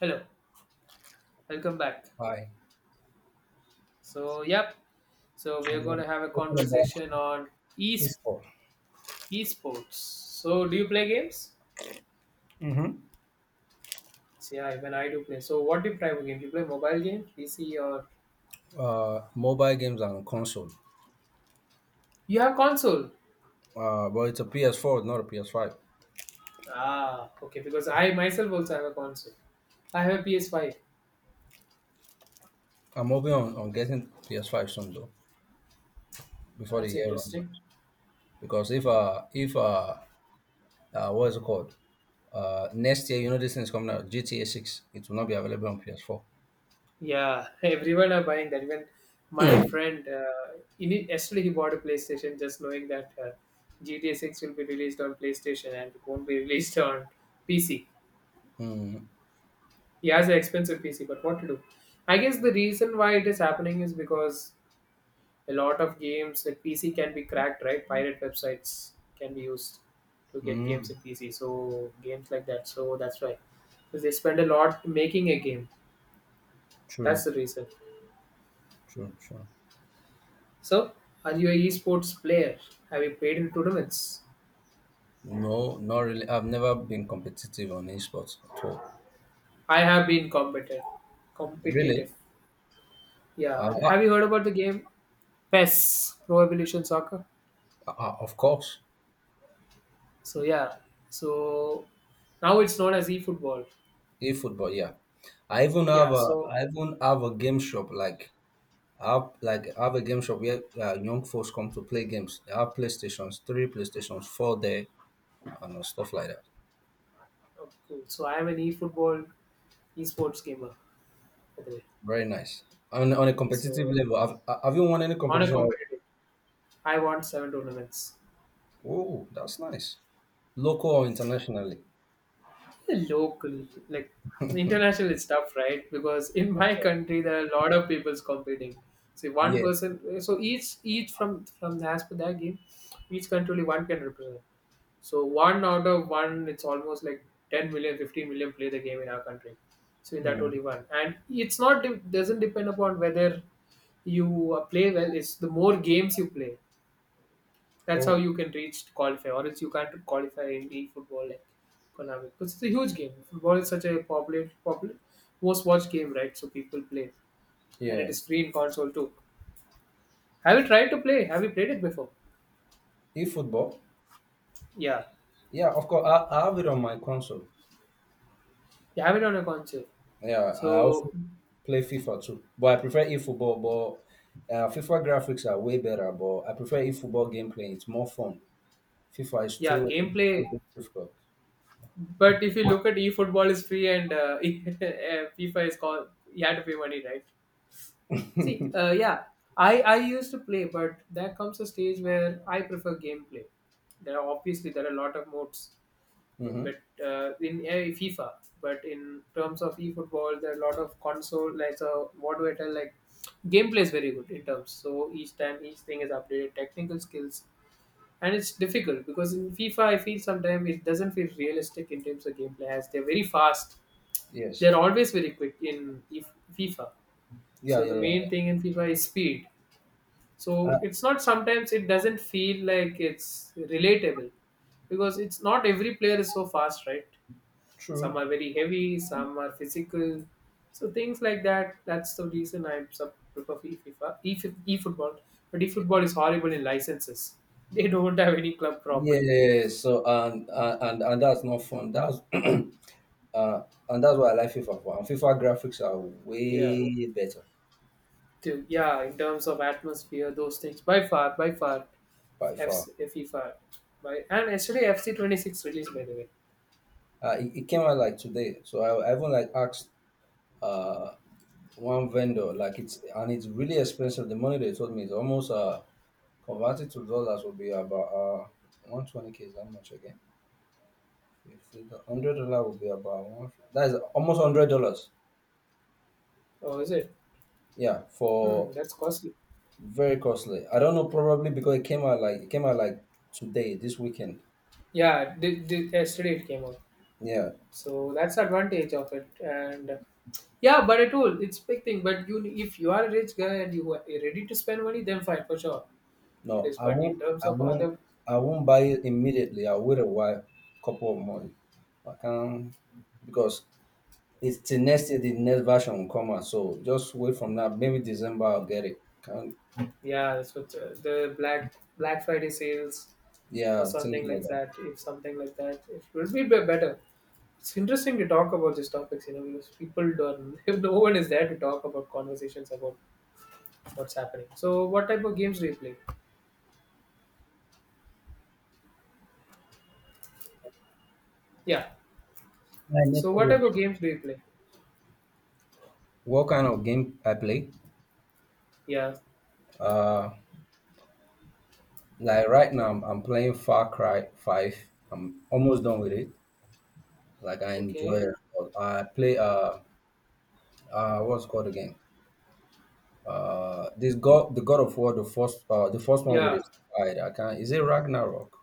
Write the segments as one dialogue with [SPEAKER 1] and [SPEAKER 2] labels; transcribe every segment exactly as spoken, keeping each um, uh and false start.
[SPEAKER 1] Hello, welcome back.
[SPEAKER 2] Hi.
[SPEAKER 1] So, yep. So we
[SPEAKER 2] So
[SPEAKER 1] are going to have a
[SPEAKER 2] we're talking about
[SPEAKER 1] conversation on e
[SPEAKER 2] esports,
[SPEAKER 1] esports. So, do you play games? So, yeah, even I do play. So, what do you play of game? Do you play mobile game, P C, or
[SPEAKER 2] uh, mobile games and console.
[SPEAKER 1] you have console?
[SPEAKER 2] Uh, but it's a P S four, not a P S five.
[SPEAKER 1] Ah, okay. Because I myself also have a console. I have a P S five.
[SPEAKER 2] I'm hoping on, on getting P S five soon though, before the
[SPEAKER 1] That's
[SPEAKER 2] year runs out.
[SPEAKER 1] interesting.
[SPEAKER 2] Because if uh if uh, uh what is it called? Uh, next year, you know this thing is coming out, G T A six. It will not be available on P S four.
[SPEAKER 1] Yeah, everyone are buying that. Even my friend, uh, in yesterday he bought a PlayStation just knowing that uh, G T A six will be released on PlayStation and it won't be released on P C.
[SPEAKER 2] Mm,
[SPEAKER 1] He has an expensive P C, but what to do? I guess the reason why it is happening is because a lot of games that P C can be cracked, right? Pirate websites can be used to get games
[SPEAKER 2] mm,
[SPEAKER 1] in P C. So games like that. So that's why. Because they spend a lot making a game. That's
[SPEAKER 2] true,
[SPEAKER 1] the reason.
[SPEAKER 2] true, true.
[SPEAKER 1] So are you a esports player? Have you played in tournaments?
[SPEAKER 2] No, not really. I've never been competitive on esports at all.
[SPEAKER 1] I have been competitive.
[SPEAKER 2] Really?
[SPEAKER 1] Competitive. Yeah.
[SPEAKER 2] Uh,
[SPEAKER 1] Have you heard about the game pez Pro Evolution Soccer?
[SPEAKER 2] uh, uh, of course.
[SPEAKER 1] So yeah, so now it's known as eFootball.
[SPEAKER 2] E-football, yeah. I even have
[SPEAKER 1] Yeah,
[SPEAKER 2] a
[SPEAKER 1] so
[SPEAKER 2] I even have a game shop like I have like I have a game shop where uh, young folks come to play games. They have PlayStations three, PlayStations four there, and uh, stuff like that.
[SPEAKER 1] oh, cool. So I am an eFootball esports gamer, by the way.
[SPEAKER 2] Very nice. On on a competitive
[SPEAKER 1] So
[SPEAKER 2] level, have have you won any
[SPEAKER 1] on a
[SPEAKER 2] competition?
[SPEAKER 1] competitive, I won seven tournaments.
[SPEAKER 2] Oh, that's nice. Local or internationally?
[SPEAKER 1] Local, like international is tough, right? Because in my country there are a lot of people's competing. So one
[SPEAKER 2] Yes.
[SPEAKER 1] person, so each each from from the as per that game, each country only one can represent. So one out of one, it's almost like ten million, fifteen million play the game in our country. So in that only
[SPEAKER 2] Mm.
[SPEAKER 1] one, and it's not it doesn't depend upon whether you uh, play well. It's the more games you play. That's how
[SPEAKER 2] Oh,
[SPEAKER 1] you can reach to qualify, or else you can't qualify in the football like Konami because it's a huge game. Football is such a popular, popular, most watched game, right? So people play, and it
[SPEAKER 2] yeah.
[SPEAKER 1] is free in console too. Have you tried to play? Have you played it before?
[SPEAKER 2] E-football.
[SPEAKER 1] Yeah,
[SPEAKER 2] Yeah, of course. I, I have it on my console.
[SPEAKER 1] you have it on a console.
[SPEAKER 2] Yeah, I also
[SPEAKER 1] So
[SPEAKER 2] play FIFA too, but I prefer eFootball. But uh, FIFA graphics are way better, but I prefer eFootball gameplay. It's more fun. FIFA is
[SPEAKER 1] yeah,
[SPEAKER 2] too It's
[SPEAKER 1] gameplay.
[SPEAKER 2] too difficult.
[SPEAKER 1] But if you look at eFootball is free and uh, eh, FIFA is called, you had to pay money, right? See, uh, yeah, I I used to play, but there comes a stage where I prefer gameplay. There are obviously there are a lot of modes,
[SPEAKER 2] Mm-hmm.
[SPEAKER 1] but uh, in uh, FIFA, but in terms of e-football, there are a lot of console. Like, so what do I tell? Like, gameplay is very good in terms. So each time each thing is updated, technical skills, and it's difficult because in FIFA I feel sometimes it doesn't feel realistic in terms of gameplay as they're very fast.
[SPEAKER 2] Yes.
[SPEAKER 1] They're always very quick in if- FIFA. So
[SPEAKER 2] Yeah,
[SPEAKER 1] the
[SPEAKER 2] yeah,
[SPEAKER 1] main
[SPEAKER 2] yeah.
[SPEAKER 1] thing in FIFA is speed, so
[SPEAKER 2] Uh,
[SPEAKER 1] it's not sometimes it doesn't feel like it's relatable because it's not every player is so fast, right? Some
[SPEAKER 2] True.
[SPEAKER 1] are very heavy, some are physical, so things like that, that's the reason i sub- prefer E FIFA, e e-football, but e-football is horrible in licenses. They don't have any club properly.
[SPEAKER 2] Yeah. So and and and and that's not fun. That's uh, and that's why I like FIFA for. And FIFA graphics are
[SPEAKER 1] Yeah,
[SPEAKER 2] way better
[SPEAKER 1] to, yeah, in terms of atmosphere those things, by far, by far
[SPEAKER 2] by far.
[SPEAKER 1] F C, FIFA by and actually F C twenty-six released, by the way.
[SPEAKER 2] Uh, it, it came out like today, so I, I even like asked uh one vendor, like it's, and it's really expensive. The money they told me is almost, uh converted to dollars, would be about uh one twenty k is how much again. fifty, one hundred dollar would be about one, that is almost one hundred dollars,
[SPEAKER 1] Oh, is it?
[SPEAKER 2] yeah,
[SPEAKER 1] Hmm,
[SPEAKER 2] for.
[SPEAKER 1] that's costly.
[SPEAKER 2] Very costly. I don't know, probably because it came out like it came out like today, this weekend,
[SPEAKER 1] Yeah, did, did, yesterday it came out.
[SPEAKER 2] yeah.
[SPEAKER 1] So that's the advantage of it. And yeah, but at all, it's big thing. But you, if you are a rich guy and you are ready to spend money, then fine, for sure, it
[SPEAKER 2] No,
[SPEAKER 1] is.
[SPEAKER 2] i
[SPEAKER 1] But in
[SPEAKER 2] won't
[SPEAKER 1] terms
[SPEAKER 2] i
[SPEAKER 1] of
[SPEAKER 2] won't
[SPEAKER 1] other,
[SPEAKER 2] i won't buy it immediately. I'll wait a while, couple of months. I can't, because it's the next year, the next version will come out. So just wait from now. Maybe December I'll get it. Can
[SPEAKER 1] yeah, so the the black Black Friday sales or
[SPEAKER 2] Yeah, things
[SPEAKER 1] something
[SPEAKER 2] like
[SPEAKER 1] like
[SPEAKER 2] that.
[SPEAKER 1] that. If something like that, it will be be- better. It's interesting to talk about these topics, you know, because people don't. If no one is there to talk about conversations about what's happening. So, what type of games do you play? Yeah.
[SPEAKER 2] My
[SPEAKER 1] So,
[SPEAKER 2] initial
[SPEAKER 1] what type of
[SPEAKER 2] version.
[SPEAKER 1] games do you play?
[SPEAKER 2] What kind of game I play?
[SPEAKER 1] Yeah.
[SPEAKER 2] Uh, like right now I'm, I'm playing Far Cry Five. I'm almost done with it. Like I enjoy
[SPEAKER 1] Okay.
[SPEAKER 2] it a lot. I play uh uh what's it called again? Uh, this God The God of War, the first, uh the first one with
[SPEAKER 1] Yeah.
[SPEAKER 2] his side. I can't. Is it Ragnarok?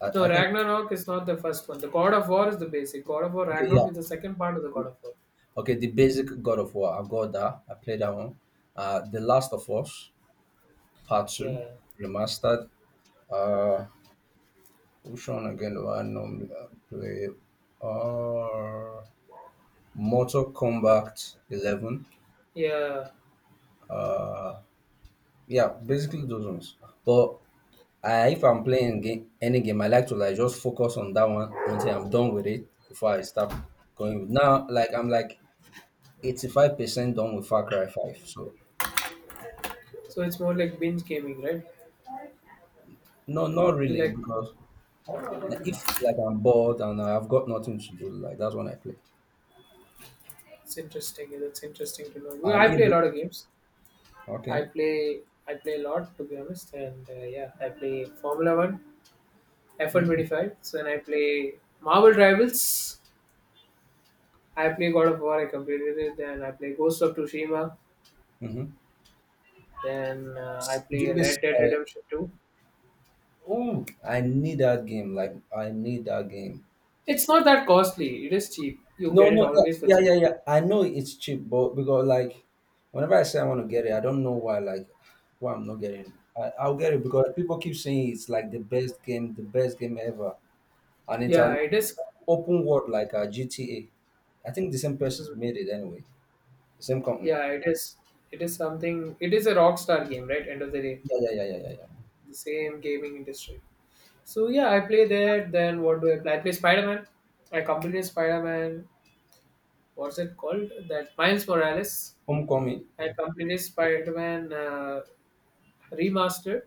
[SPEAKER 2] I,
[SPEAKER 1] No,
[SPEAKER 2] I think.
[SPEAKER 1] Ragnarok is not the first one. The God of War is the basic. God of War
[SPEAKER 2] Okay,
[SPEAKER 1] Ragnarok
[SPEAKER 2] yeah.
[SPEAKER 1] is the second part of the God of War.
[SPEAKER 2] Okay, the basic God of War. I've got that. I played that one. Uh, The Last of Us Part Two
[SPEAKER 1] Yeah.
[SPEAKER 2] Remastered. Uh, which one again do I normally uh, play? Uh, Mortal Kombat eleven.
[SPEAKER 1] Yeah.
[SPEAKER 2] Uh, yeah, basically those ones. But I, if I'm playing game, any game, I like to like just focus on that one until I'm done with it before I start going. Now, like I'm like eighty-five percent done with Far Cry five. So
[SPEAKER 1] So it's more like binge gaming, right?
[SPEAKER 2] No, not
[SPEAKER 1] You
[SPEAKER 2] really,
[SPEAKER 1] like,
[SPEAKER 2] because uh, if like I'm bored and I've got nothing to do, like that's when I play.
[SPEAKER 1] it's interesting. Yeah, that's interesting to know. Well,
[SPEAKER 2] And
[SPEAKER 1] I play a
[SPEAKER 2] if
[SPEAKER 1] lot of games. I
[SPEAKER 2] Okay,
[SPEAKER 1] play I play a lot, to be honest, and uh, yeah, I play Formula One, F1 one
[SPEAKER 2] mm-hmm.
[SPEAKER 1] twenty five. So then I play Marvel Rivals. I play God of War. I completed it. Then I play Ghost of Tsushima. Then uh, I
[SPEAKER 2] Do
[SPEAKER 1] play
[SPEAKER 2] you miss?
[SPEAKER 1] Red Dead
[SPEAKER 2] Uh,
[SPEAKER 1] Redemption two.
[SPEAKER 2] oh, I need that game. Like I need that game.
[SPEAKER 1] It's not that costly. It is cheap. You
[SPEAKER 2] No,
[SPEAKER 1] get it
[SPEAKER 2] no,
[SPEAKER 1] always for
[SPEAKER 2] yeah, yeah,
[SPEAKER 1] cheap.
[SPEAKER 2] yeah, yeah. I know it's cheap, but because like whenever I say I want to get it, I don't know why. Like why I'm not getting it. I, I'll get it because people keep saying it's like the best game, the best game ever, and it's
[SPEAKER 1] Yeah,
[SPEAKER 2] an
[SPEAKER 1] it is.
[SPEAKER 2] open world like a G T A. I think the same person's
[SPEAKER 1] Mm.
[SPEAKER 2] made it anyway. Same company.
[SPEAKER 1] Yeah, it is. It is something. It is a rock star game, right? End of the day,
[SPEAKER 2] Yeah, yeah, yeah, yeah, yeah, yeah.
[SPEAKER 1] the same gaming industry. So yeah, I play that. Then what do I play? I play Spider Man. I completed Spider Man. What's it called? That Miles Morales.
[SPEAKER 2] Homecoming.
[SPEAKER 1] I completed Spider Man uh, remastered.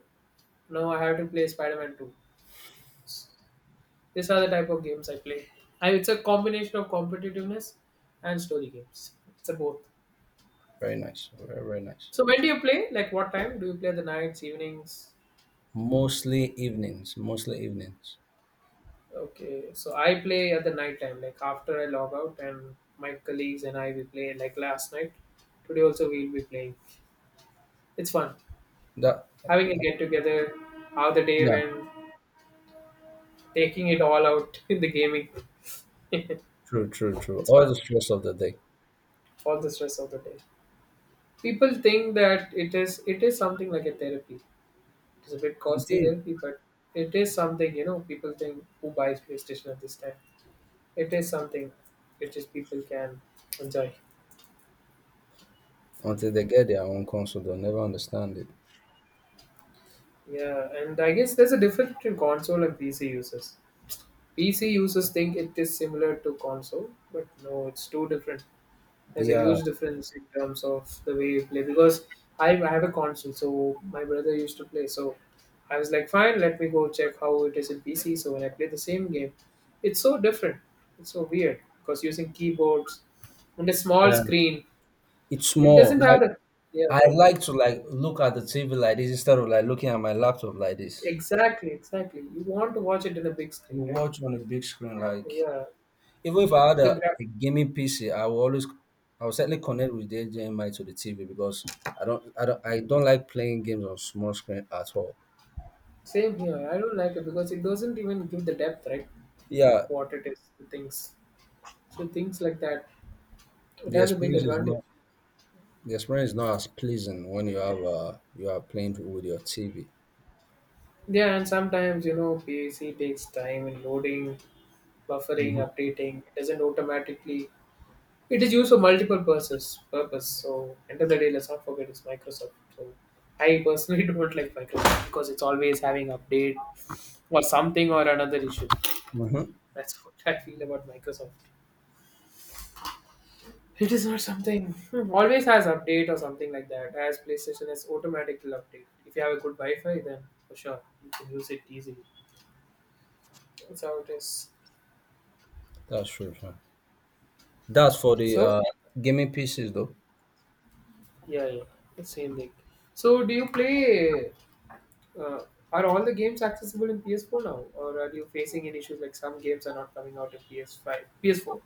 [SPEAKER 1] Now I have to play Spider Man Two. These are the type of games I play. I, it's a combination of competitiveness and story games. It's a both.
[SPEAKER 2] Very nice. Very, very nice.
[SPEAKER 1] So when do you play? Like what time? Do you play the nights, evenings?
[SPEAKER 2] Mostly evenings. Mostly evenings.
[SPEAKER 1] Okay. So I play at the night time, like after I log out and my colleagues and I we play, like last night. Today also we'll be playing. It's fun.
[SPEAKER 2] That
[SPEAKER 1] Having a get together, how the day
[SPEAKER 2] Yeah,
[SPEAKER 1] went, taking it all out in the gaming.
[SPEAKER 2] true, true, true.
[SPEAKER 1] It's
[SPEAKER 2] All
[SPEAKER 1] fun.
[SPEAKER 2] the stress of the day.
[SPEAKER 1] All the stress of the day. People think that it is it is something like a therapy. It's a bit
[SPEAKER 2] It
[SPEAKER 1] costly
[SPEAKER 2] is.
[SPEAKER 1] therapy, but it is something, you know, people think who buys PlayStation at this time. It is something which is people can enjoy.
[SPEAKER 2] Until they get their own console, they'll never understand it.
[SPEAKER 1] Yeah, and I guess there's a difference between console and P C users. P C users think it is similar to console, but no, it's too different. There's a
[SPEAKER 2] Yeah,
[SPEAKER 1] huge difference in terms of the way you play because I, I have a console, so my brother used to play. So I was like, fine, let me go check how it is in P C. So when I play the same game, it's so different. It's so weird because using keyboards and a small
[SPEAKER 2] yeah.
[SPEAKER 1] screen,
[SPEAKER 2] It's
[SPEAKER 1] it
[SPEAKER 2] small.
[SPEAKER 1] doesn't have
[SPEAKER 2] Like
[SPEAKER 1] the, yeah.
[SPEAKER 2] I like to like look at the T V like this instead of like looking at my laptop like this.
[SPEAKER 1] Exactly, exactly. You want to watch it in a big screen,
[SPEAKER 2] You
[SPEAKER 1] right?
[SPEAKER 2] watch on a big screen, like,
[SPEAKER 1] Yeah.
[SPEAKER 2] even if I had
[SPEAKER 1] The
[SPEAKER 2] a,
[SPEAKER 1] gra-
[SPEAKER 2] a gaming P C, I will always, I will certainly connect with the H D M I to the T V because I don't I don't I don't like playing games on small screen at all.
[SPEAKER 1] Same here. I don't like it because it doesn't even give the depth, right, of
[SPEAKER 2] Yeah,
[SPEAKER 1] what it is, the things. So things like that, it
[SPEAKER 2] the
[SPEAKER 1] has a big
[SPEAKER 2] experience is
[SPEAKER 1] advantage.
[SPEAKER 2] not the experience is not as pleasing when you have uh you are playing with your T V.
[SPEAKER 1] Yeah, and sometimes you know P A C takes time in loading, buffering,
[SPEAKER 2] Hmm,
[SPEAKER 1] updating. It doesn't automatically. It is used for multiple purposes. Purpose. So end of the day, let's not forget it's Microsoft. So I personally don't like Microsoft because it's always having update or something or another issue.
[SPEAKER 2] hmm.
[SPEAKER 1] That's what I feel about Microsoft. It is not something always has update or something like that. As PlayStation is automatically update. If you have a good Wi-Fi, then for sure you can use it easily. That's how it is.
[SPEAKER 2] That's true, sir. That's for the
[SPEAKER 1] So
[SPEAKER 2] uh gaming P Cs though.
[SPEAKER 1] yeah, yeah, the same thing. So do you play? Uh, are all the games accessible in P S four now, or are you facing any issues like some games are not coming out in P S five, P S four?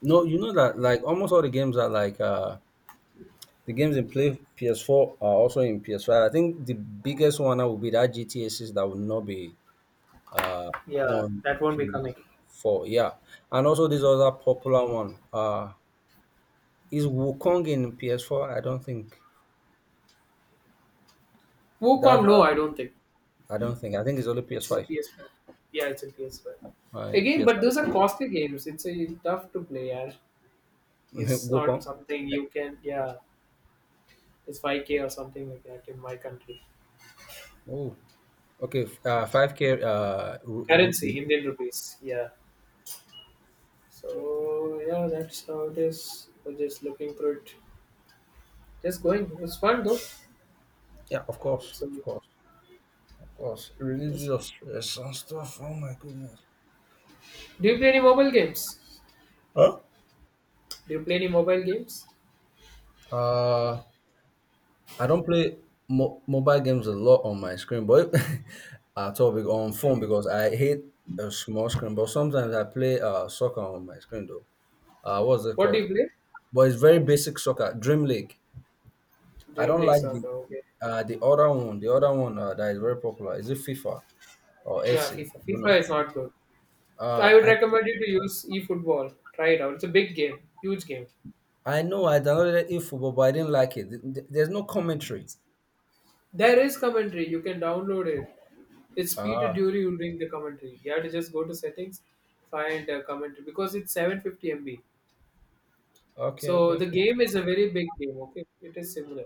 [SPEAKER 2] No, you know that like almost all the games are like, uh the games in play P S four are also in P S five. I think the biggest one that would be that G T A six, that will not be, uh,
[SPEAKER 1] Yeah,
[SPEAKER 2] on
[SPEAKER 1] that won't be coming.
[SPEAKER 2] P S four. Yeah, and also this other popular one, uh, is Wukong in P S four. I don't think that.
[SPEAKER 1] Wukong, no,
[SPEAKER 2] Uh,
[SPEAKER 1] I don't think.
[SPEAKER 2] I don't think. I think it's only
[SPEAKER 1] It's a
[SPEAKER 2] P S five.
[SPEAKER 1] P S five. Yeah, it's a P S five.
[SPEAKER 2] Uh,
[SPEAKER 1] Again, but
[SPEAKER 2] P S five.
[SPEAKER 1] those are costly games. It's a tough to play. Yeah. It's not
[SPEAKER 2] Wukong.
[SPEAKER 1] something
[SPEAKER 2] Yeah.
[SPEAKER 1] you can. Yeah, it's five k
[SPEAKER 2] Yeah.
[SPEAKER 1] or something like that in my country.
[SPEAKER 2] Oh, okay. f- Uh, five k, uh, ru- rupee.
[SPEAKER 1] Currency, Indian rupees. Yeah. So yeah, that's how it is. We're just looking through it. Just going. It's fun though.
[SPEAKER 2] Yeah, of course,
[SPEAKER 1] So
[SPEAKER 2] of course, of course.
[SPEAKER 1] it's fun.
[SPEAKER 2] Religious stress and stuff. Oh my goodness.
[SPEAKER 1] Do you play any mobile games?
[SPEAKER 2] Huh?
[SPEAKER 1] Do you play any mobile games?
[SPEAKER 2] Uh, I don't play mo- mobile games a lot on my screen, but at all, be- on phone, because I hate a small screen. But sometimes I play uh soccer on my screen though. Uh, what's it
[SPEAKER 1] What do you
[SPEAKER 2] called?
[SPEAKER 1] play?
[SPEAKER 2] But it's very basic soccer, Dream League. I
[SPEAKER 1] Dream
[SPEAKER 2] don't
[SPEAKER 1] League
[SPEAKER 2] like the,
[SPEAKER 1] Soccer. Okay.
[SPEAKER 2] uh the other one. The other one, uh, that is very popular, is it FIFA or
[SPEAKER 1] Yeah,
[SPEAKER 2] F C?
[SPEAKER 1] FIFA.
[SPEAKER 2] I don't
[SPEAKER 1] FIFA
[SPEAKER 2] know.
[SPEAKER 1] is not good. So I
[SPEAKER 2] Uh,
[SPEAKER 1] would
[SPEAKER 2] I
[SPEAKER 1] recommend you to use eFootball. Try it out. It's a big game, huge game.
[SPEAKER 2] I know I downloaded eFootball, but I didn't like it. Th- th- There's no commentary.
[SPEAKER 1] There is commentary. You can download it. It's Peter
[SPEAKER 2] Ah,
[SPEAKER 1] Dury who'll bring the commentary. You have to just go to settings, find uh, commentary because it's seven hundred fifty M B.
[SPEAKER 2] okay,
[SPEAKER 1] So
[SPEAKER 2] okay.
[SPEAKER 1] the game is a very big game. Okay, it is similar.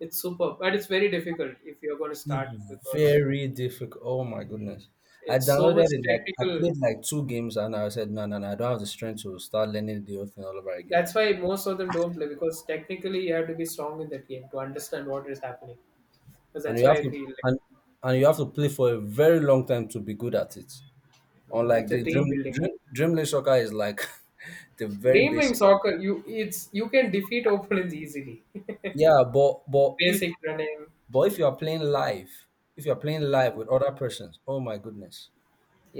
[SPEAKER 1] It's superb, but it's very difficult if you're going to start
[SPEAKER 2] It's
[SPEAKER 1] because
[SPEAKER 2] very difficult. Oh my goodness. I
[SPEAKER 1] it's so
[SPEAKER 2] downloaded
[SPEAKER 1] much
[SPEAKER 2] it, like I
[SPEAKER 1] technical.
[SPEAKER 2] played like two games, and I said no, no, no, I don't have the strength to start learning the whole thing all over again.
[SPEAKER 1] That's why most of them don't play because technically you have to be strong in that game to understand what is happening. Because
[SPEAKER 2] And
[SPEAKER 1] that's
[SPEAKER 2] you
[SPEAKER 1] why
[SPEAKER 2] have
[SPEAKER 1] I
[SPEAKER 2] to
[SPEAKER 1] feel like,
[SPEAKER 2] and, and you have to play for a very long time to be good at it.
[SPEAKER 1] mm,
[SPEAKER 2] Unlike
[SPEAKER 1] it's a
[SPEAKER 2] the
[SPEAKER 1] team
[SPEAKER 2] dream
[SPEAKER 1] building game.
[SPEAKER 2] dream dream League Soccer, is like, the very
[SPEAKER 1] Dream
[SPEAKER 2] basic.
[SPEAKER 1] soccer, you it's you can defeat opponents easily.
[SPEAKER 2] Yeah, but but if
[SPEAKER 1] Basic running,
[SPEAKER 2] but if you are playing live, if you are playing live with other persons, oh my goodness,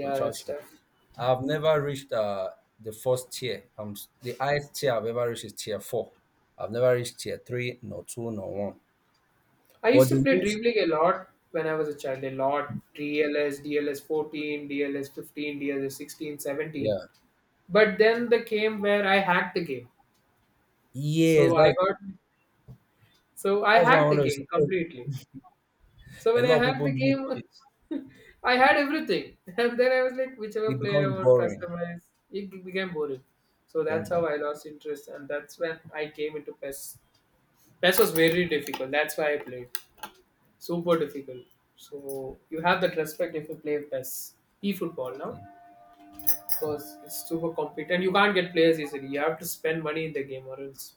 [SPEAKER 2] will
[SPEAKER 1] that's
[SPEAKER 2] trash you.
[SPEAKER 1] tough.
[SPEAKER 2] I've never reached, uh, the first tier. Um, the highest tier I've ever reached is tier four. I've never reached tier three, nor two, nor one.
[SPEAKER 1] I used
[SPEAKER 2] But
[SPEAKER 1] to
[SPEAKER 2] they
[SPEAKER 1] play
[SPEAKER 2] use,
[SPEAKER 1] Dream League a lot when I was a child, a lot. DLS, DLS fourteen, DLS fifteen, DLS sixteen, seventeen.
[SPEAKER 2] yeah,
[SPEAKER 1] But then the game where I hacked the game.
[SPEAKER 2] yes,
[SPEAKER 1] So I
[SPEAKER 2] that's
[SPEAKER 1] got so I
[SPEAKER 2] that's what I
[SPEAKER 1] hacked the
[SPEAKER 2] want to say.
[SPEAKER 1] game
[SPEAKER 2] Oh,
[SPEAKER 1] completely. So
[SPEAKER 2] a
[SPEAKER 1] when I
[SPEAKER 2] lot of
[SPEAKER 1] had the
[SPEAKER 2] people use
[SPEAKER 1] game,
[SPEAKER 2] it.
[SPEAKER 1] I had everything. And then I was like, whichever
[SPEAKER 2] It
[SPEAKER 1] player
[SPEAKER 2] becomes
[SPEAKER 1] I want,
[SPEAKER 2] boring.
[SPEAKER 1] customize. It became boring. So
[SPEAKER 2] Become
[SPEAKER 1] that's how
[SPEAKER 2] boring.
[SPEAKER 1] I lost interest, and that's when I came into P E S. P E S was very difficult. That's why I played. Super difficult. So you have that respect if you play P E S. E-football now, because it's super competitive, and you can't get players easily. You have to spend money in the game, or else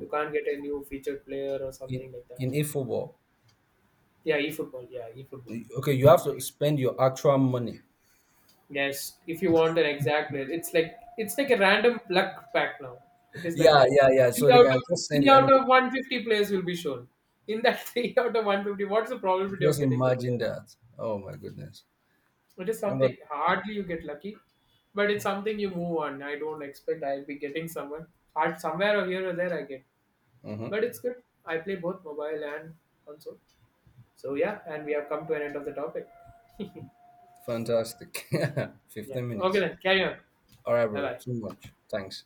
[SPEAKER 1] you can't get a new featured player or
[SPEAKER 2] In,
[SPEAKER 1] something like that.
[SPEAKER 2] in eFootball,
[SPEAKER 1] Yeah, e-football. Yeah, e-football.
[SPEAKER 2] y- okay, you have to spend your actual money.
[SPEAKER 1] Yes, if you want an exact name, it's like it's like a random luck pack now. It is like
[SPEAKER 2] Yeah,
[SPEAKER 1] that.
[SPEAKER 2] yeah, yeah.
[SPEAKER 1] Three
[SPEAKER 2] So they
[SPEAKER 1] out
[SPEAKER 2] can
[SPEAKER 1] of
[SPEAKER 2] just send
[SPEAKER 1] three
[SPEAKER 2] you
[SPEAKER 1] out
[SPEAKER 2] anybody.
[SPEAKER 1] of one fifty players will be shown. In that three out of one fifty, what's the probability of
[SPEAKER 2] Just
[SPEAKER 1] getting the
[SPEAKER 2] imagine
[SPEAKER 1] player?
[SPEAKER 2] that. Oh my goodness.
[SPEAKER 1] It is
[SPEAKER 2] Thank
[SPEAKER 1] something
[SPEAKER 2] God.
[SPEAKER 1] hardly you get lucky, but it's something you move on. I don't expect I'll be getting someone. Hard somewhere or here or there I get,
[SPEAKER 2] Hmm.
[SPEAKER 1] but it's good. I play both mobile and console. So yeah, and we have come to an end of the topic.
[SPEAKER 2] Fantastic.
[SPEAKER 1] Yeah.
[SPEAKER 2] fifteen
[SPEAKER 1] Okay
[SPEAKER 2] minutes.
[SPEAKER 1] then, carry on.
[SPEAKER 2] All right,
[SPEAKER 1] Bye
[SPEAKER 2] bro. Too
[SPEAKER 1] bye.
[SPEAKER 2] much. Thanks.